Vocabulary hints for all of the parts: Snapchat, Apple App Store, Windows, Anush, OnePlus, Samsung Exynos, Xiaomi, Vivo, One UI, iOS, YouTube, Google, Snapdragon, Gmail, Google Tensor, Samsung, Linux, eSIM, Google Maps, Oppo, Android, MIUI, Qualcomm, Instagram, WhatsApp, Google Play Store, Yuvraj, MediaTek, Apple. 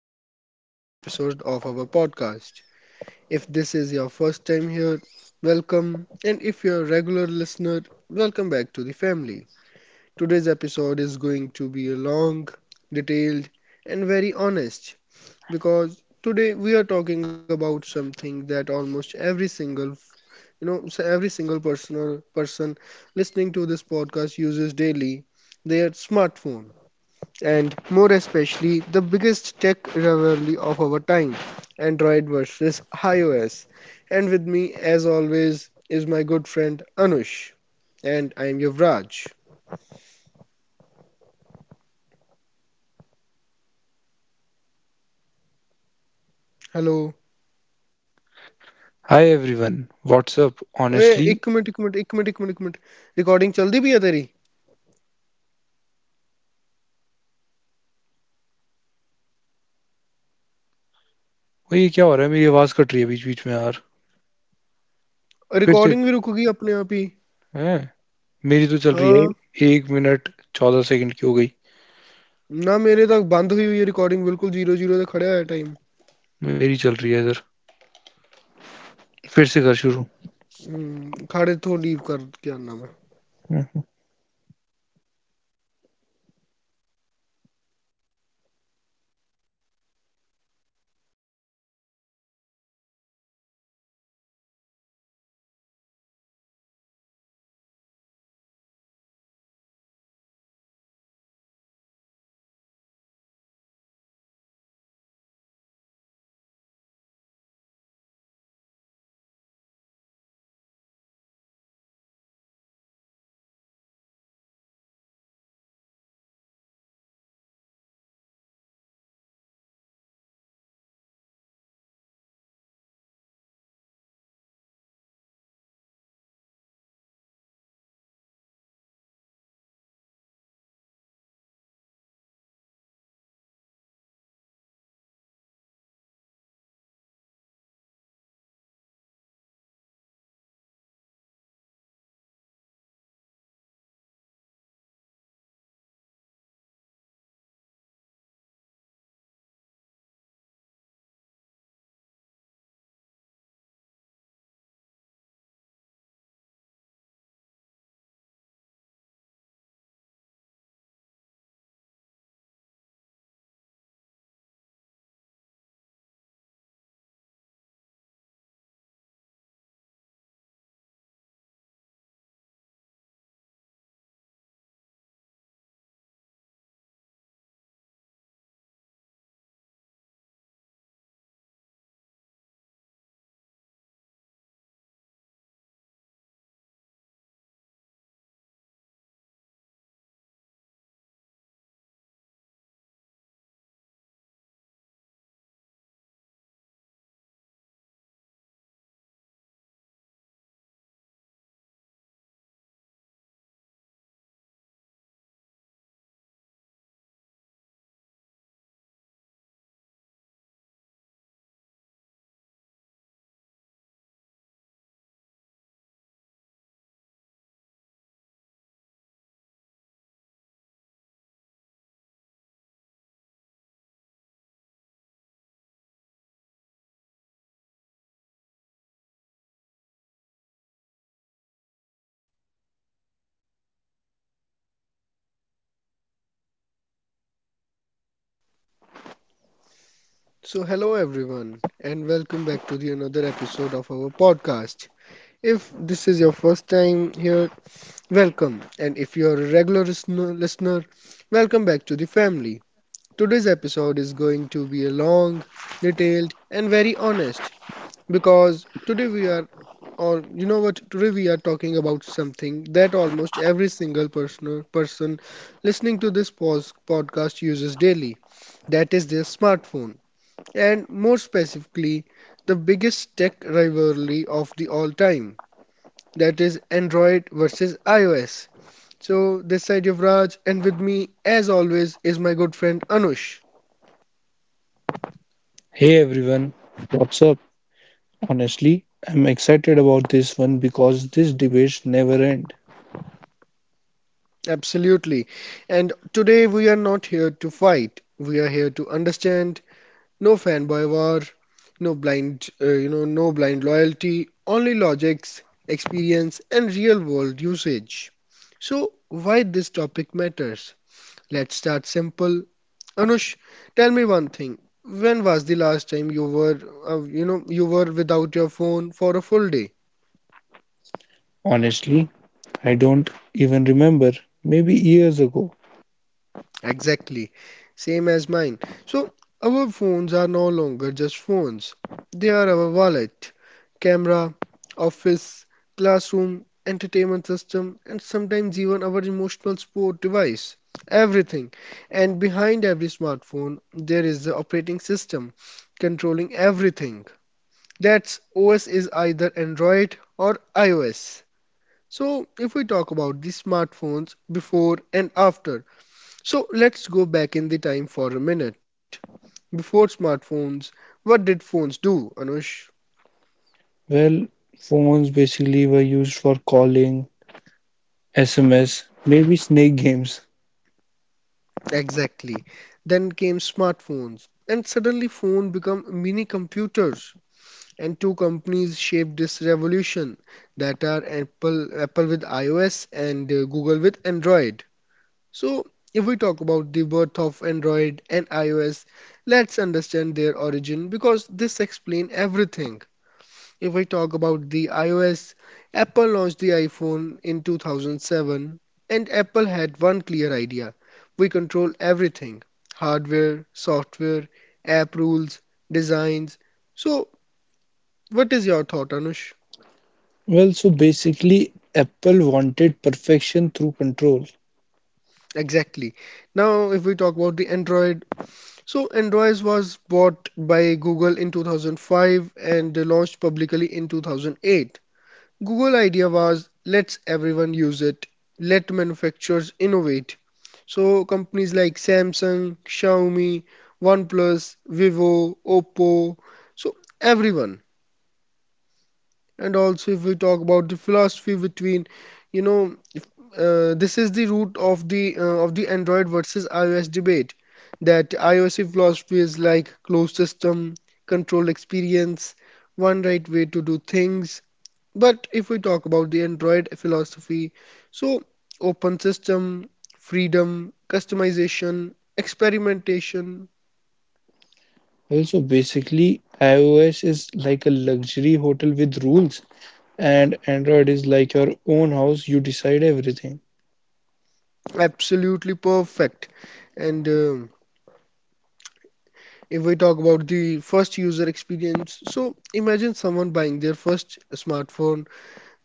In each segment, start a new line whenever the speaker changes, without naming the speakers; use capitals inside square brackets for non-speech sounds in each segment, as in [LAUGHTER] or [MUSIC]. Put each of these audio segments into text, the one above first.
Another episode of our podcast. If this is your first time here, welcome, and if you're a regular listener, welcome back to the family. Today's episode is going to be a long, detailed, and very honest because today we are talking about something that almost every single every single person listening to this podcast uses daily, their smartphone, and more especially the biggest tech rivalry of our time, Android versus iOS. And with me, as always, is my good friend Anush, and I am Yuvraj. Hello.
Hi everyone. What's up
ओए
honestly.
एक minute एक minute. Recording चलती भी है तेरी?
ओए ये क्या हो रहा है, मेरी आवाज कट रही है बीच बीच में यार। फिर से।
रिकॉर्डिंग भी रुकेगी अपने आप ही.
हैं? मेरी तो चल रही
हाँ,
है। एक मिनट। 14 सेकंड की हो गई।
ना, मेरे तक बंद हुई हुई है रिकॉर्डिंग, बिल्कुल जीरो पे खड़ा है टाइम.
मेरी चल रही है इधर। फिर से कर शुरू।
हम्म, खड़े तो लीव कर, क्या नाम.
हम्म,
So, hello everyone, and welcome back to the another episode of our podcast. If this is your first time here, welcome, and if you are a regular listener, welcome back to the family. Today's episode is going to be a long, detailed, and very honest because today we are, or you know what, today we are talking about something that almost every single person listening to this podcast uses daily. That is their smartphone and more specifically, the biggest tech rivalry of the all time, that is Android versus iOS. So this side Yuvraj, and with me, as always, is my good friend Anush.
Hey everyone, what's up? Honestly, I'm excited about this one because these debates never end.
Absolutely. And today we are not here to fight. We are here to understand. No fanboy war, no blind, no blind loyalty. Only logics, experience, and real-world usage. So, why this topic matters? Let's start simple. Anush, tell me one thing. When was the last time you you were without your phone for a full day?
Honestly, I don't even remember. Maybe years ago.
Exactly. Same as mine. So, our phones are no longer just phones. They are our wallet, camera, office, classroom, entertainment system, and sometimes even our emotional support device. Everything. And behind every smartphone, there is the operating system controlling everything. That's OS is either Android or iOS. So, if we talk about the smartphones before and after, so let's go back in the time for a minute. Before smartphones, what did phones do, Anush?
Well, phones basically were used for calling, SMS, maybe snake games.
Exactly. Then came smartphones, and suddenly phone become mini computers. And two companies shaped this revolution, that are Apple with iOS and Google with Android. So, if we talk about the birth of Android and iOS, let's understand their origin because this explains everything. If we talk about the iOS, Apple launched the iPhone in 2007, and Apple had one clear idea. We control everything, hardware, software, app rules, designs. So, what is your thought, Anush?
Well, so basically, Apple wanted perfection through control.
Exactly. Now, if we talk about the Android, so Android was bought by Google in 2005 and launched publicly in 2008. Google idea was let's everyone use it, let manufacturers innovate. So companies like Samsung, Xiaomi, OnePlus, Vivo, Oppo, so everyone. And also if we talk about the philosophy between, you know, this is the root of the Android versus iOS debate. That iOS philosophy is like closed system, controlled experience, one right way to do things. But if we talk about the Android philosophy, so open system, freedom, customization, experimentation,
Well, so basically, iOS is like a luxury hotel with rules, and Android is like your own house, you decide everything.
absolutely perfect. And if we talk about the first user experience, so imagine someone buying their first smartphone,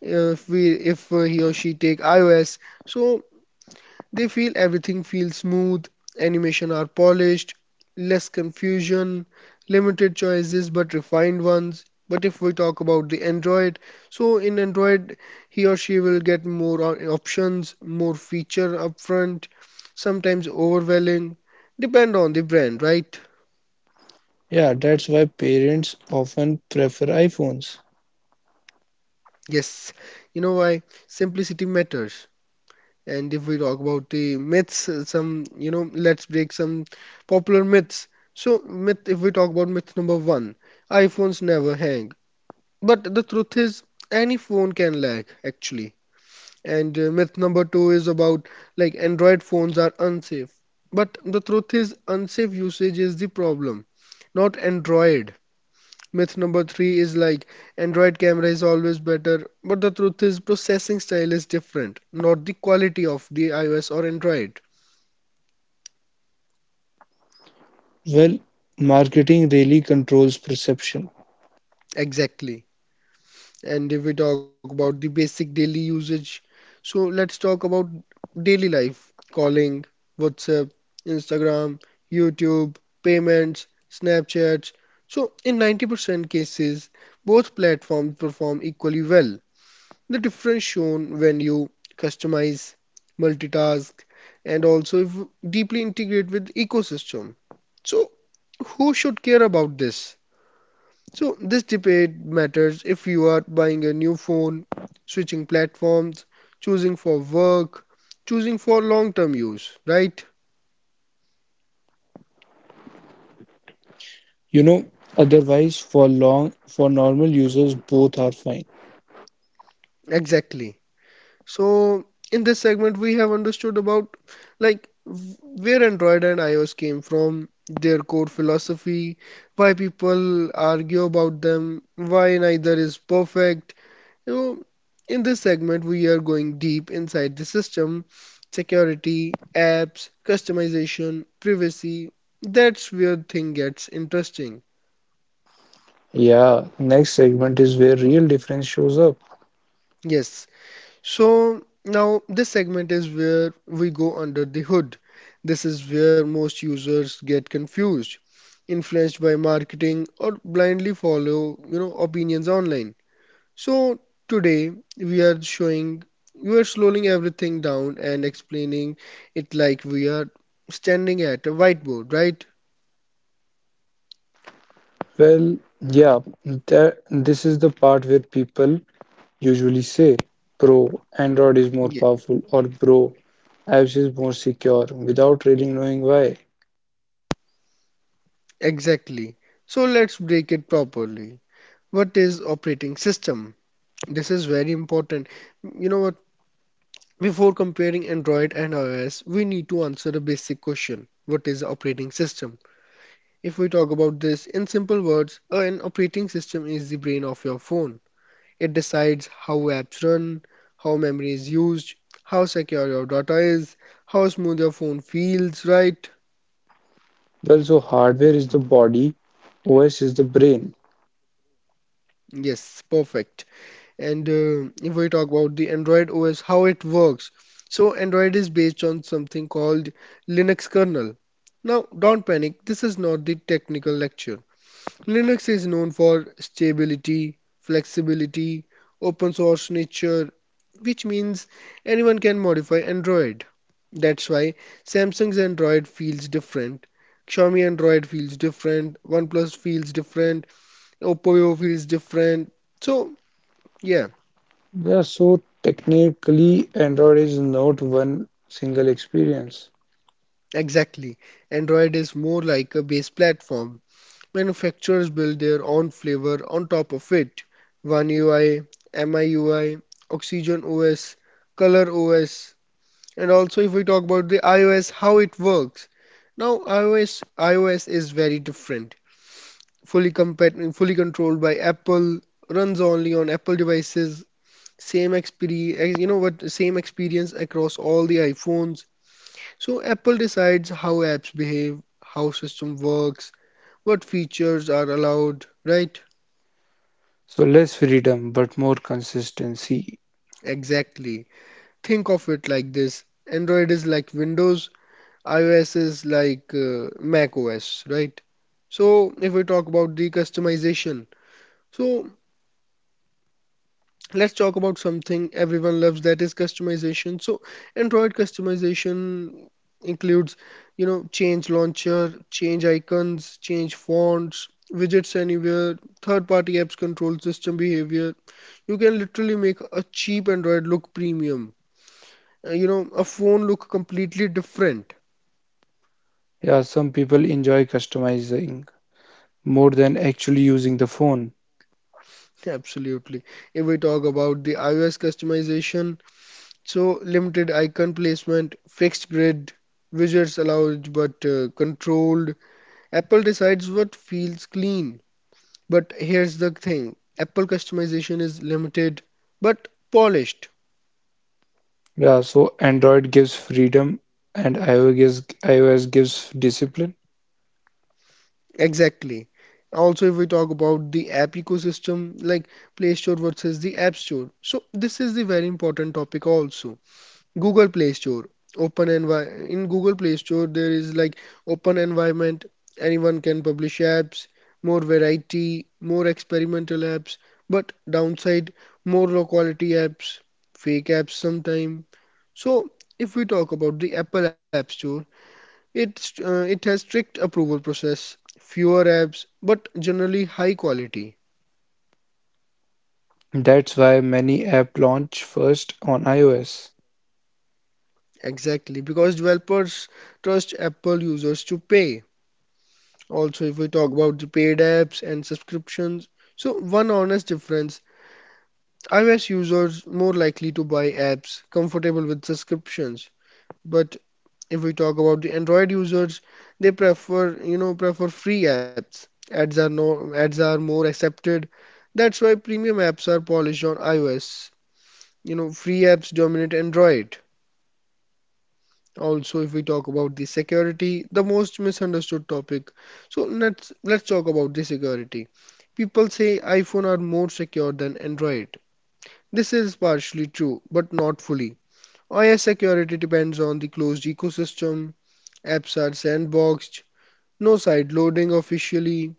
if he or she take iOS, so they feel everything feels smooth, animation are polished, less confusion, limited choices but refined ones. But if we talk about the Android, so in Android, he or she will get more options, more feature upfront, sometimes overwhelming, depend on the brand, right?
Yeah, that's why parents often prefer iPhones.
Yes, you know why? Simplicity matters. And if we talk about the myths, let's break some popular myths. So, myth, if we talk about myth number one, iPhones never hang. But the truth is, any phone can lag, actually. And myth number two is about like Android phones are unsafe. But the truth is, unsafe usage is the problem, not Android. Myth number three is like Android camera is always better, but the truth is processing style is different, not the quality of the iOS or Android.
Well, marketing really controls perception.
Exactly. And if we talk about the basic daily usage, so let's talk about daily life, calling, WhatsApp, Instagram, YouTube, payments, Snapchats. So in 90% cases, both platforms perform equally well. The difference shown when you customize, multitask, and also if deeply integrate with ecosystem. So who should care about this? So this debate matters if you are buying a new phone, switching platforms, choosing for work, choosing for long-term use, right?
You know, otherwise for normal users both are fine.
Exactly. So, in this segment, we have understood about like where Android and iOS came from, their core philosophy, why people argue about them, why neither is perfect. You know, in this segment, we are going deep inside the system, security, apps, customization, privacy. That's where thing gets interesting.
Yeah, next segment is where real difference shows up.
Yes, so now this segment is where we go under the hood. This is where most users get confused, influenced by marketing or blindly follow, you know, opinions online. So today we are showing we are slowing everything down and explaining it like we are standing at a whiteboard, right?
Well, yeah, that this is the part where people usually say, "Bro, Android
Yeah,
is more powerful," or "Bro, apps is more secure," without really knowing why.
exactly. So let's break it properly. What is operating system? This is very important, you know what? Before comparing Android and iOS, we need to answer a basic question. What is the operating system? If we talk about this in simple words, an operating system is the brain of your phone. It decides how apps run, how memory is used, how secure your data is, how smooth your phone feels, right?
Well, so hardware is the body, OS is the brain.
Yes, perfect. And if we talk about the Android OS, how it works. So Android is based on something called Linux kernel. Now, don't panic, this is not the technical lecture. Linux is known for stability, flexibility, open source nature, which means anyone can modify Android. That's why Samsung's Android feels different, Xiaomi Android feels different, OnePlus feels different, Oppo feels different. So, yeah,
Yeah, so technically, Android is not one single experience.
exactly. Android is more like a base platform, manufacturers build their own flavor on top of it. One UI, MIUI, Oxygen OS, Color OS. And also if we talk about the iOS, how it works. Now iOS is very different. Fully fully controlled by Apple, runs only on Apple devices. Same experience, you know what? Same experience across all the iPhones. So Apple decides how apps behave, how system works, what features are allowed, right?
So less freedom, but more consistency.
Exactly. Think of it like this. Android is like Windows, iOS is like Mac OS, right? So, if we talk about the customization, so let's talk about something everyone loves, that is customization. So, Android customization includes, you know, change launcher, change icons, change fonts, widgets anywhere, third-party apps control system behavior. You can literally make a cheap Android look premium, a phone look completely different.
Yeah, some people enjoy customizing more than actually using the phone.
[LAUGHS] Absolutely. If we talk about the iOS customization, so limited icon placement, fixed grid, widgets allowed but controlled. Apple decides what feels clean. But here's the thing, apple customization is limited but polished.
Yeah, so Android gives freedom and iOS gives discipline.
Exactly. Also if we talk about the app ecosystem like Play Store versus the App Store, so this is the very important topic also. Google Play Store, in Google Play Store there is like open environment. Anyone can publish apps, more variety, more experimental apps. But downside, more low quality apps, fake apps sometime. So if we talk about the Apple App Store, it has strict approval process, fewer apps, but generally high quality.
That's why many app launch first on iOS.
Exactly, because developers trust Apple users to pay. Also, if we talk about the paid apps and subscriptions, so one honest difference, iOS users more likely to buy apps comfortable with subscriptions. But if we talk about the Android users, they prefer free apps. Ads are no, Ads are more accepted. That's why premium apps are polished on iOS. You know, free apps dominate Android. Also, if we talk about the security, the most misunderstood topic. So let's talk about the security. People say iPhone are more secure than Android. This is partially true, but not fully. iOS security depends on the closed ecosystem, apps are sandboxed, no side loading officially.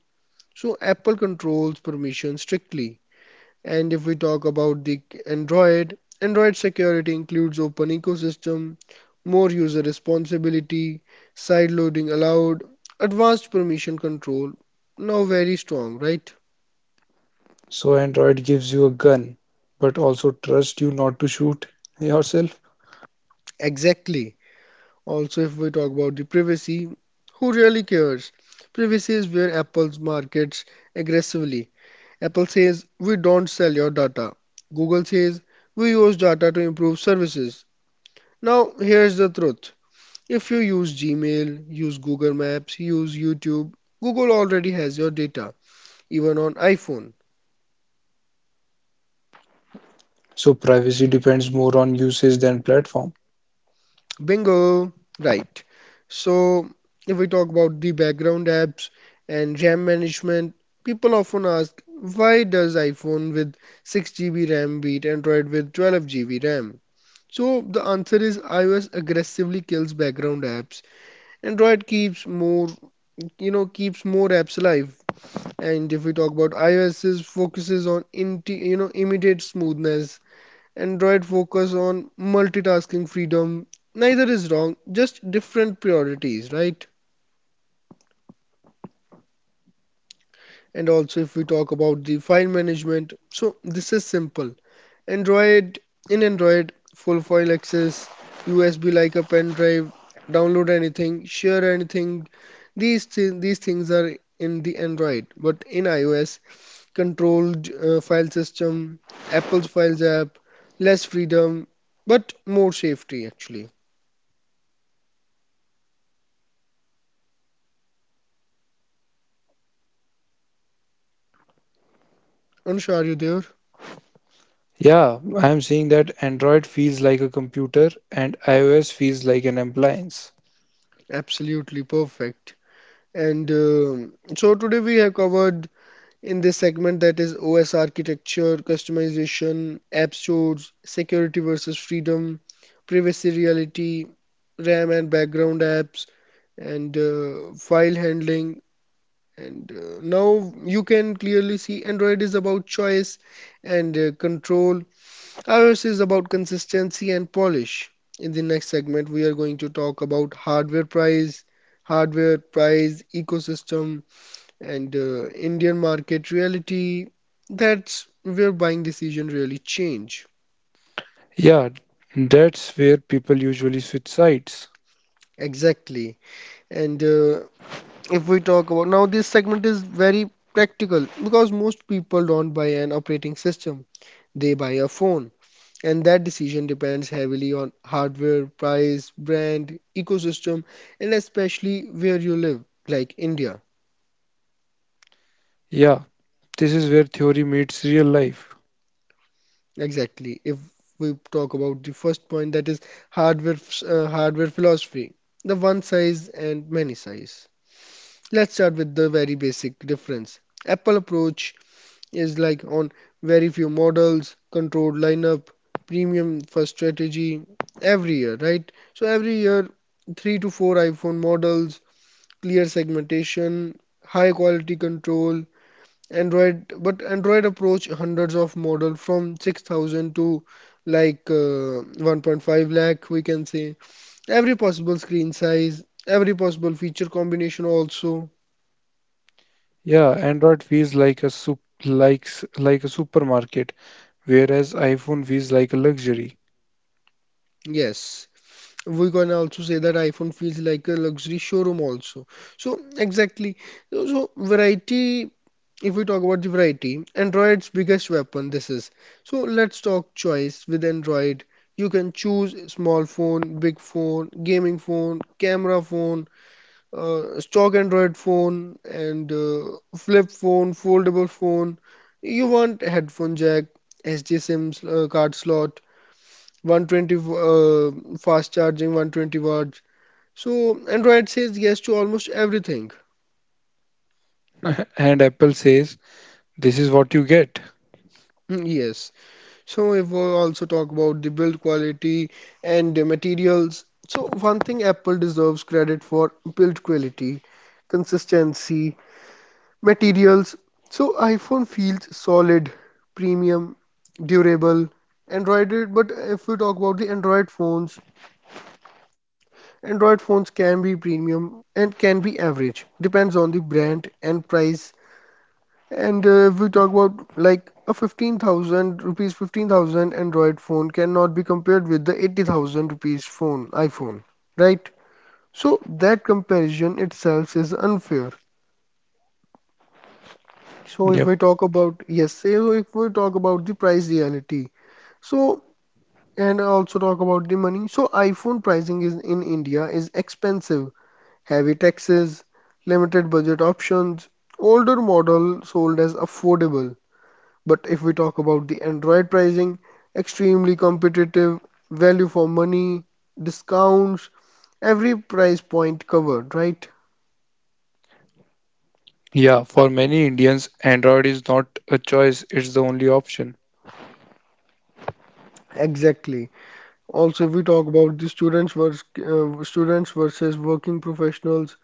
So Apple controls permission strictly. And if we talk about the Android, Android security includes open ecosystem, more user responsibility, side loading allowed, advanced permission control. Now very strong, right?
So Android gives you a gun, but also trust you not to shoot yourself.
Exactly. Also, if we talk about the privacy, who really cares? Privacy is where Apple markets aggressively. Apple says we don't sell your data. Google says we use data to improve services. Now, here's the truth. If you use Gmail, use Google Maps, use YouTube, Google already has your data, even on iPhone.
So privacy depends more on usage than platform.
Bingo! Right. So, if we talk about the background apps and RAM management, people often ask why does iPhone with 6 GB RAM beat Android with 12 GB RAM? So, the answer is iOS aggressively kills background apps. Android keeps keeps more apps alive. And if we talk about iOS's focuses on inti you know immediate smoothness, Android focus on multitasking freedom. Neither is wrong, just different priorities, right? And also if we talk about the file management, so this is simple. Android in Android, full file access, USB like a pen drive, download anything, share anything. These things are in the Android, but in iOS controlled file system, Apple's Files app, less freedom, but more safety actually. Anusha, are you there?
Yeah, I am seeing that Android feels like a computer and iOS feels like an appliance.
Absolutely perfect. And so today we have covered in this segment that is OS architecture, customization, app stores, security versus freedom, privacy reality, RAM and background apps, and file handling. And now you can clearly see Android is about choice and control, iOS is about consistency and polish. In the next segment, we are going to talk about hardware price, ecosystem, and Indian market reality. That's where buying decision really change.
Yeah, that's where people usually switch sides.
Exactly. And if we talk about now, this segment is very practical because most people don't buy an operating system, they buy a phone and that decision depends heavily on hardware, price, brand, ecosystem, and especially where you live, like India.
Yeah, this is where theory meets real life.
Exactly. If we talk about the first point, that is hardware, hardware philosophy, the one size and many size. Let's start with the very basic difference. Apple approach is like on very few models, controlled lineup, premium first strategy every year, right? So every year, three to four iPhone models clear segmentation, high quality control. Android, but Android approach hundreds of model from 6,000 to like 1.5 lakh, we can say. Every possible screen size, every possible feature combination also.
Yeah, Android feels like a sup like s- like a supermarket, whereas iPhone feels like a luxury.
Yes, we can also say that iPhone feels like a luxury showroom also. So exactly. So variety, if we talk about the variety, Android's biggest weapon this is. So let's talk choice with Android. You can choose small phone, big phone, gaming phone, camera phone, stock Android phone, and flip phone, foldable phone. You want headphone jack, SD SIM card slot, 120 fast charging 120 watts, so Android says yes to almost everything.
[LAUGHS] And Apple says, this is what you get.
Mm, yes. So if we also talk about the build quality and the materials, so one thing Apple deserves credit for, build quality, consistency, materials, so iPhone feels solid, premium, durable. Android, but if we talk about the Android phones, Android phones can be premium and can be average, depends on the brand and price. And if we talk about like a 15,000 rupees, 15,000 Android phone cannot be compared with the 80,000 rupees phone, iPhone, right? So that comparison itself is unfair. So if
Yep.
we talk about, yes, so if we talk about the price reality, so and also talk about the money. So iPhone pricing is in India is expensive, heavy taxes, limited budget options. Older model sold as affordable. But if we talk about the Android pricing, extremely competitive, value for money, discounts, every price point covered, right?
Yeah, for many Indians, Android is not a choice, it's the only option.
Exactly. Also, if we talk about the students versus working professionals,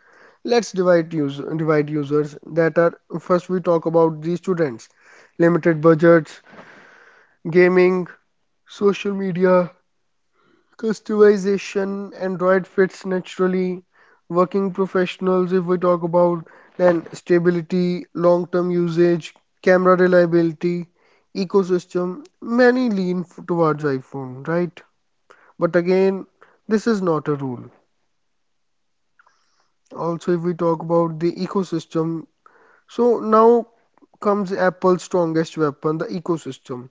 let's divide users that are first we talk about the students, limited budgets, gaming, social media, customization, Android fits naturally. Working professionals if we talk about, then stability, long term usage, camera reliability, ecosystem, many lean towards iPhone, right? But again, this is not a rule. Also if we talk about the ecosystem, so now comes Apple's strongest weapon, the ecosystem,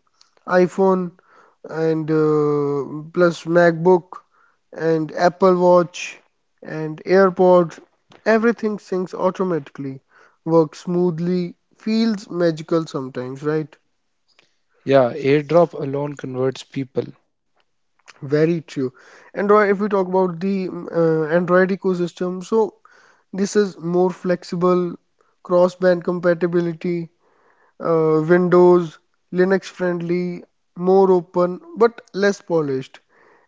iPhone and plus MacBook and Apple Watch and AirPods. Everything syncs automatically, works smoothly, feels magical sometimes, right?
Yeah, AirDrop alone converts people.
Very true. Android, if we talk about the Android ecosystem, so this is more flexible, cross-band compatibility, Windows, Linux friendly, more open, but less polished.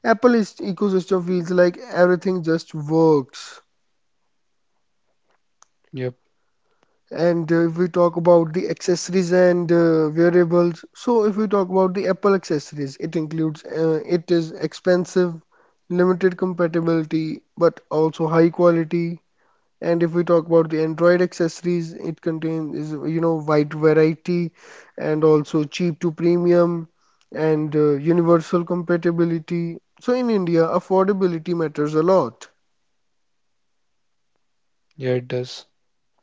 Apple's ecosystem feels like everything just works.
Yep.
And if we talk about the accessories and wearables, so if we talk about the Apple accessories, it includes it is expensive, limited compatibility, but also high quality. And if we talk about the Android accessories, it contains is you know wide variety and also cheap to premium and universal compatibility, so in India affordability matters a lot.
Yeah, it does.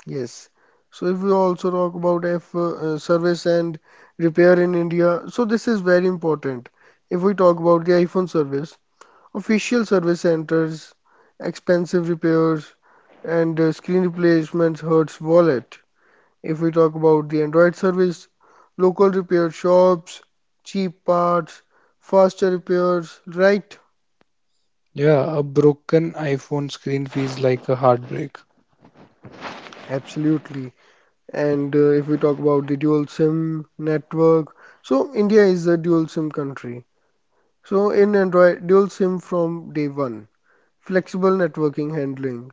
Yes. So if we also talk about F service and repair in India, so this is very important. If we talk about the iPhone service, official service centers, expensive repairs, and screen replacements hurts wallet. If we talk about the Android service, local repair shops, cheap parts, faster repairs, right?
Yeah, a broken iPhone screen feels like a heartbreak.
Absolutely. And if we talk about the dual SIM network, so India is a dual SIM country. So in Android, dual SIM from day one, flexible networking handling.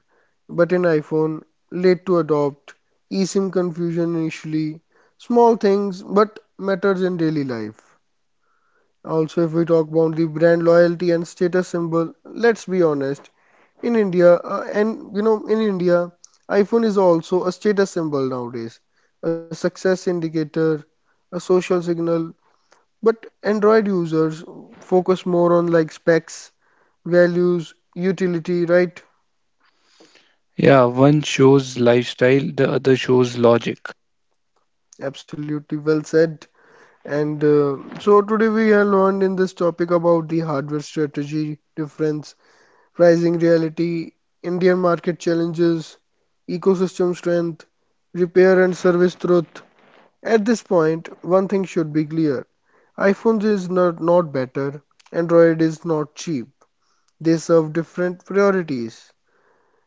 But in iPhone, late to adopt, eSIM confusion initially, small things but matters in daily life. Also, if we talk about the brand loyalty and status symbol, let's be honest. In India, in India, iPhone is also a status symbol nowadays, a success indicator, a social signal. But Android users focus more on like specs, values, utility, right?
Yeah, one shows lifestyle, the other shows logic.
Absolutely well said. And so today we have learned in this topic about the hardware strategy difference, pricing reality, Indian market challenges, ecosystem strength, repair and service truth. At this point, one thing should be clear. iPhones is not, not better, Android is not cheap. They serve different priorities.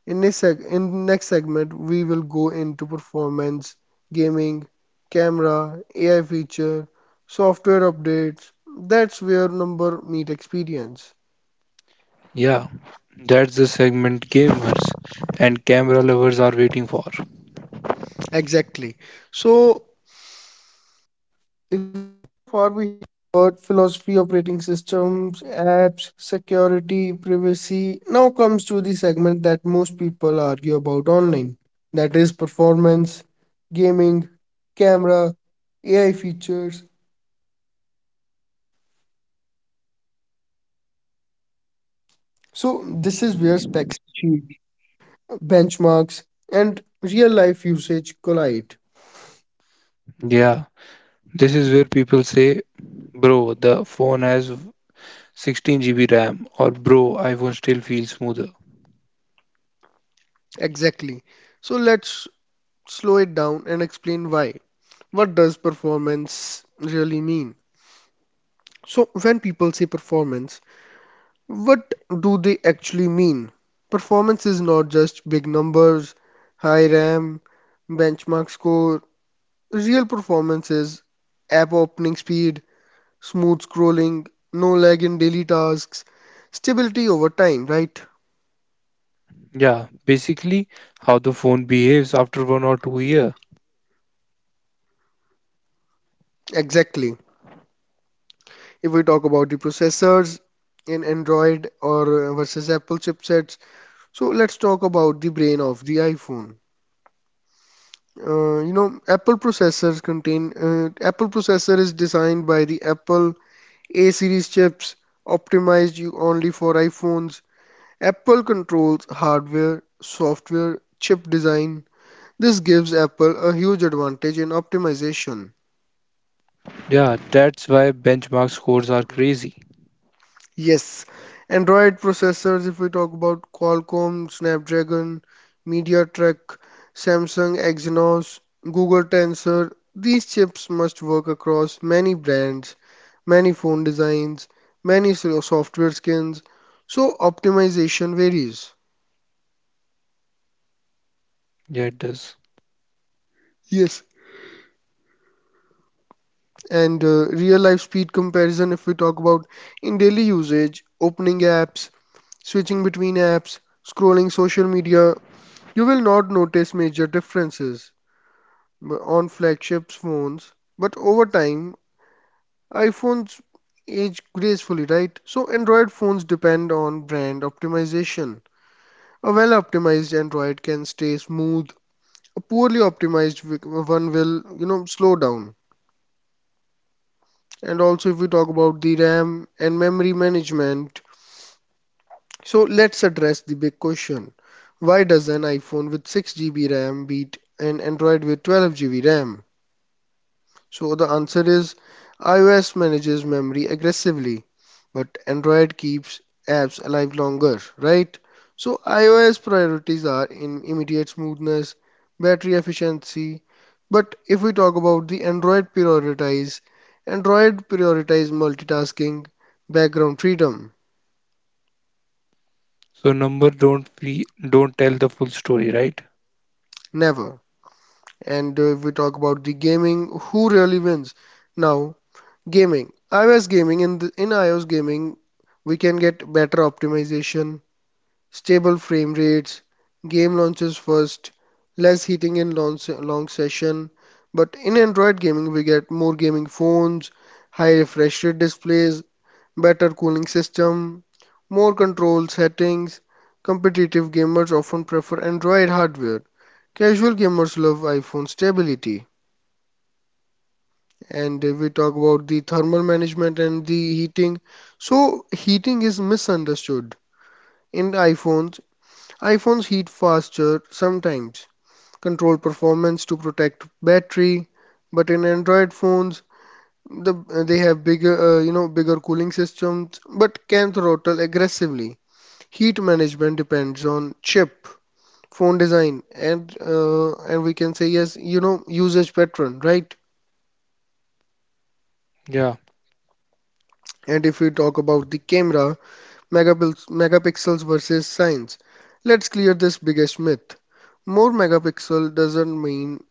In this seg in next segment, we will go into performance, gaming, camera, AI feature, software updates. That's where number meet experience.
Yeah, that's the segment gamers and camera lovers are waiting for.
Exactly. So, For we about philosophy, operating systems, apps, security, privacy. Now comes to the segment that most people argue about online. That is performance, gaming, camera, AI features. So this is where specs cheat, benchmarks, and real life usage collide.
Yeah, this is where people say, bro, the phone has 16 GB RAM, or bro, iPhone still feels smoother.
Exactly. So let's slow it down and explain why. What does performance really mean? So, when people say performance, what do they actually mean? Performance is not just big numbers, high RAM, benchmark score. Real performance is app opening speed, smooth scrolling, no lag in daily tasks, stability over time, right?
Yeah, basically how the phone behaves after one or two year.
Exactly. If we talk about the processors in Android or versus Apple chipsets. So let's talk about the brain of the iPhone. You know, Apple processor is designed by the Apple A series chips, optimized you only for iPhones. Apple controls hardware, software, chip design. This gives Apple a huge advantage in optimization.
Yeah, that's why benchmark scores are crazy.
Yes, Android processors, if we talk about Qualcomm, Snapdragon, MediaTek, Samsung Exynos, Google Tensor, these chips must work across many brands, many phone designs, many software skins, so optimization varies.
Yeah, it does.
Yes, and real life speed comparison, if we talk about in daily usage, opening apps, switching between apps, scrolling social media, you will not notice major differences on flagship phones, but over time, iPhones age gracefully, right? So Android phones depend on brand optimization. A well-optimized Android can stay smooth. A poorly optimized one will, you know, slow down. And also, if we talk about the RAM and memory management, so let's address the big question. Why does an iPhone with 6 GB RAM beat an Android with 12 GB RAM? So the answer is iOS manages memory aggressively, but Android keeps apps alive longer, right? So iOS priorities are in immediate smoothness, battery efficiency, but if we talk about the Android prioritize multitasking, background freedom,
So number don't tell the full story, right?
never. And if we talk about the gaming, who really wins now? Gaming. iOS gaming in iOS gaming we can get better optimization, stable frame rates, game launches first, less heating in long, long session. But in Android gaming we get more gaming phones, high refresh rate displays, better cooling system, more control settings. Competitive gamers often prefer Android hardware. Casual gamers love iPhone stability. And we talk about the thermal management and the heating. So heating is misunderstood in iPhones. iPhones heat faster sometimes, control performance to protect battery, but in Android phones the they have bigger you know bigger cooling systems but can throttle aggressively. Heat management depends on chip, phone design, and we can say yes you know usage pattern, right?
Yeah,
And if we talk about the camera, megapixels versus science. Let's clear this biggest myth. More megapixel doesn't mean,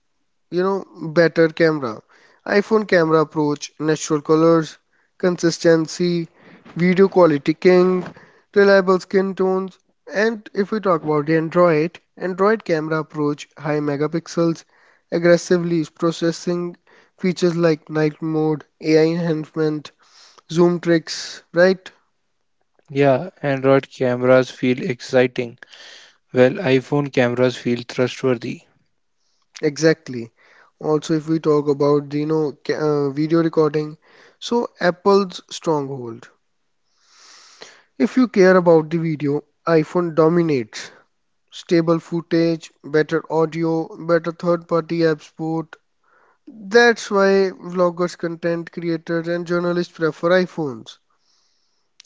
you know, better camera. iPhone camera approach, natural colors, consistency, video quality king, reliable skin tones, and if we talk about Android, Android camera approach, high megapixels, aggressively processing features like night mode, AI enhancement, zoom tricks, right?
yeah. Android cameras feel exciting. Well, iPhone cameras feel trustworthy.
Exactly. Also, if we talk about the, you know, video recording, so Apple's stronghold. If you care about the video, iPhone dominates. Stable footage, better audio, better third-party app support. That's why vloggers, content creators, and journalists prefer iPhones.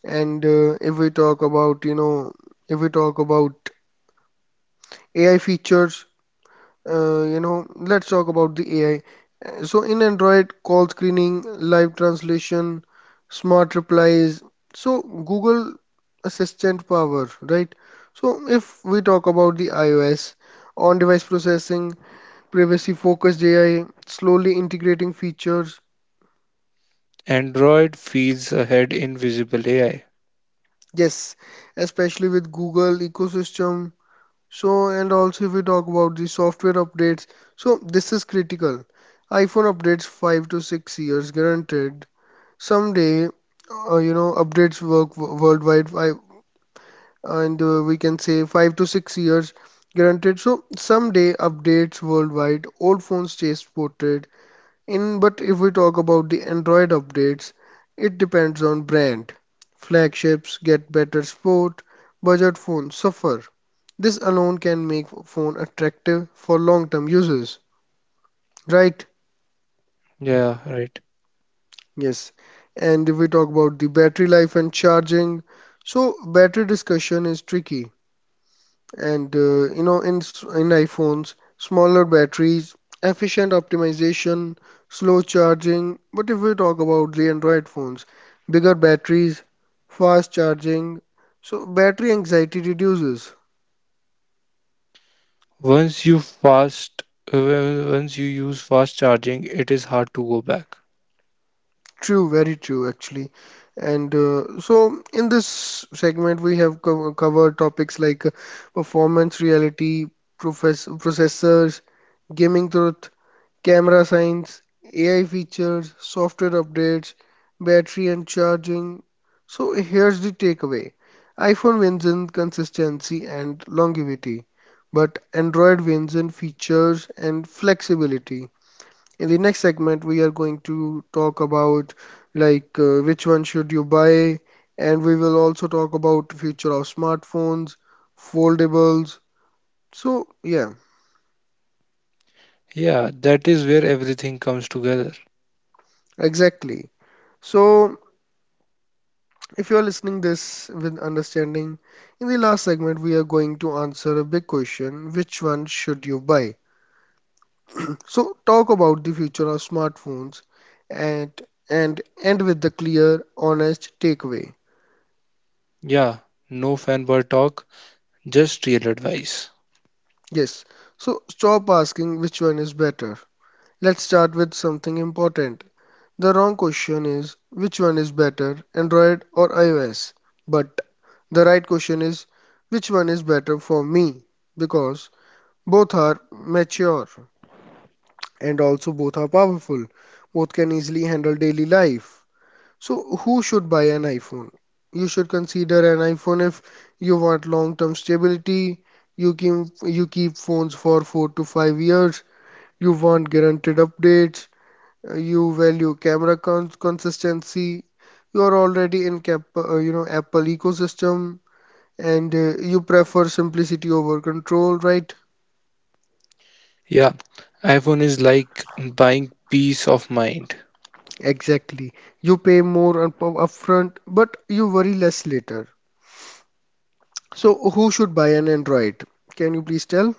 And If we talk about, if we talk about AI features, let's talk about the AI. So in Android, call screening, live translation, smart replies. So Google Assistant power, right? So if we talk about the iOS, on-device processing, privacy-focused AI, slowly integrating features.
Android feels ahead in visible AI.
Yes, especially with Google ecosystem. So and also if we talk about the software updates, so this is critical. iPhone updates 5 to 6 years guaranteed. Someday, updates worldwide, I, and we can say 5 to 6 years guaranteed. So someday updates worldwide, old phones chase ported. In but if we talk about the Android updates, it depends on brand. Flagships get better support, budget phones suffer. This alone can make phone attractive for long-term users, right?
Yeah, right.
Yes, and if we talk about the battery life and charging, so battery discussion is tricky. And in iPhones, smaller batteries, efficient optimization, slow charging. But if we talk about the Android phones, bigger batteries, fast charging, so battery anxiety reduces.
Once you fast, once you use fast charging, it is hard to go back.
True, very true, actually. And so, in this segment, we have covered topics like performance reality, processors, gaming truth, camera science, AI features, software updates, battery and charging. So, here's the takeaway: iPhone wins in consistency and longevity, but Android wins in features and flexibility. In the next segment, we are going to talk about which one should you buy, and we will also talk about future of smartphones, foldables. So yeah,
Yeah, that is where everything comes together.
exactly. So if you are listening this with understanding, in the last segment we are going to answer a big question: which one should you buy? So talk about the future of smartphones, and end with the clear, honest takeaway.
Yeah, no fanboy talk, just real advice.
Yes, so stop asking which one is better. Let's start with something important. The wrong question is which one is better, Android or iOS? But the right question is which one is better for me? Because both are mature and also both are powerful. Both can easily handle daily life. So, who should buy an iPhone? You should consider an iPhone if you want long term stability. You keep phones for 4 to 5 years you want guaranteed updates. You value camera consistency. You are already in cap Apple ecosystem and you prefer simplicity over control, right?
Yeah, iPhone is like buying peace of mind.
Exactly. You pay more up upfront, but you worry less later. So who should buy an Android? Can you please tell?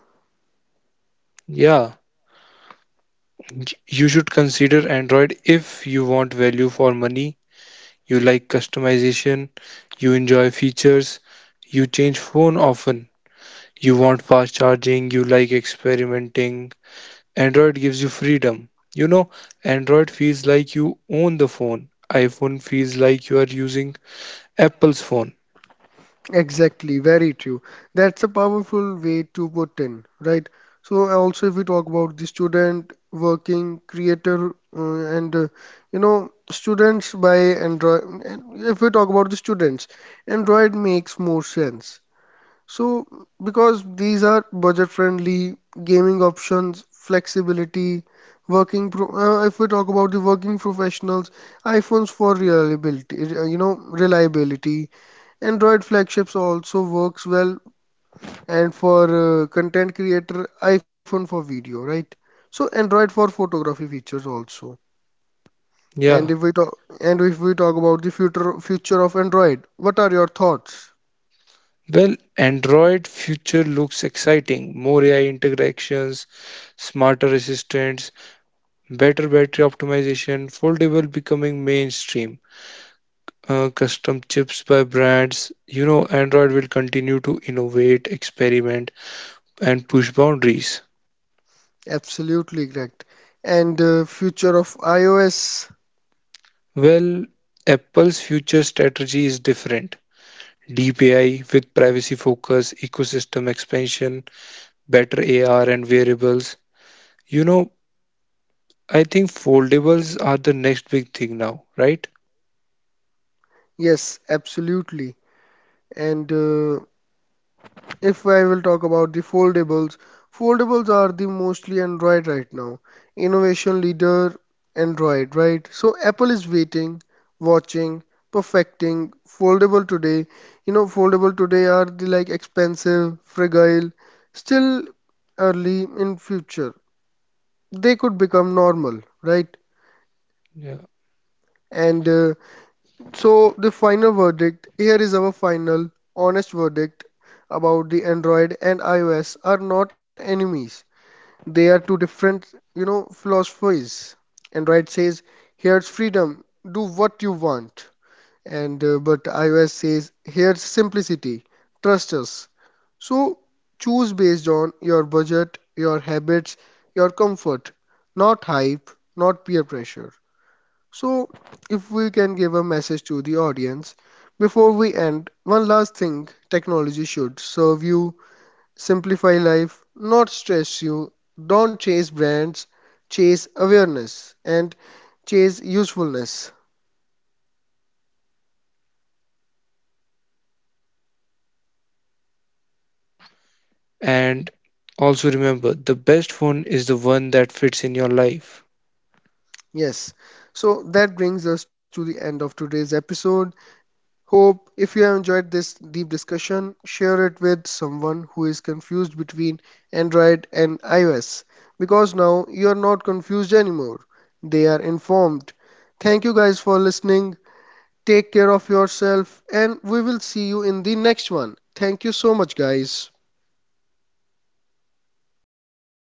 Yeah, you should consider Android if you want value for money, you like customization, you enjoy features, you change phone often, you want fast charging, you like experimenting. Android gives you freedom. You know, Android feels like you own the phone. iPhone feels like you are using Apple's phone.
Exactly, very true. That's a powerful way to put in, right? So also if we talk about the student working creator uh, and students by Android and if we talk about the students, Android makes more sense. So because these are budget friendly gaming options, flexibility, working pro if we talk about the working professionals, iPhones for reliability, reliability Android flagships also works well and for content creator iPhone for video, right? So Android for photography features also. And
Yeah.
if we talk and if we talk about the future of Android, what are your thoughts?
Well, Android future looks exciting. More AI integrations, smarter assistants, better battery optimization, foldable becoming mainstream, custom chips by brands. Android will continue to innovate, experiment, and push boundaries.
Absolutely correct. And future of iOS,
Well, Apple's future strategy is different. Deep AI with privacy focus, ecosystem expansion, better AR and wearables. You know, I think foldables are the next big thing now, right?
yes, absolutely. And if I will talk about the foldables, foldables are the mostly Android right now. Innovation leader Android, right? So Apple is waiting, watching, perfecting foldable today. You know, foldable today are the like expensive, fragile, still early in future. They could become normal, right?
Yeah.
And so the final verdict here is our final honest verdict about the Android and iOS are not enemies. They are two different, you know, philosophies. Android says, here's freedom, do what you want. And but iOS says, here's simplicity, trust us. So choose based on your budget, your habits, your comfort, not hype, not peer pressure. So if we can give a message to the audience before we end, one last thing technology should serve you simplify life, not stress you. Don't chase brands, chase awareness and chase usefulness.
And also remember, the best phone is the one that fits in your life.
Yes. So that brings us to the end of today's episode. Hope if you have enjoyed this deep discussion, share it with someone who is confused between Android and iOS because now you are not confused anymore. They are informed. Thank you guys for listening. Take care of yourself, and we will see you in the next one. Thank you so much, guys.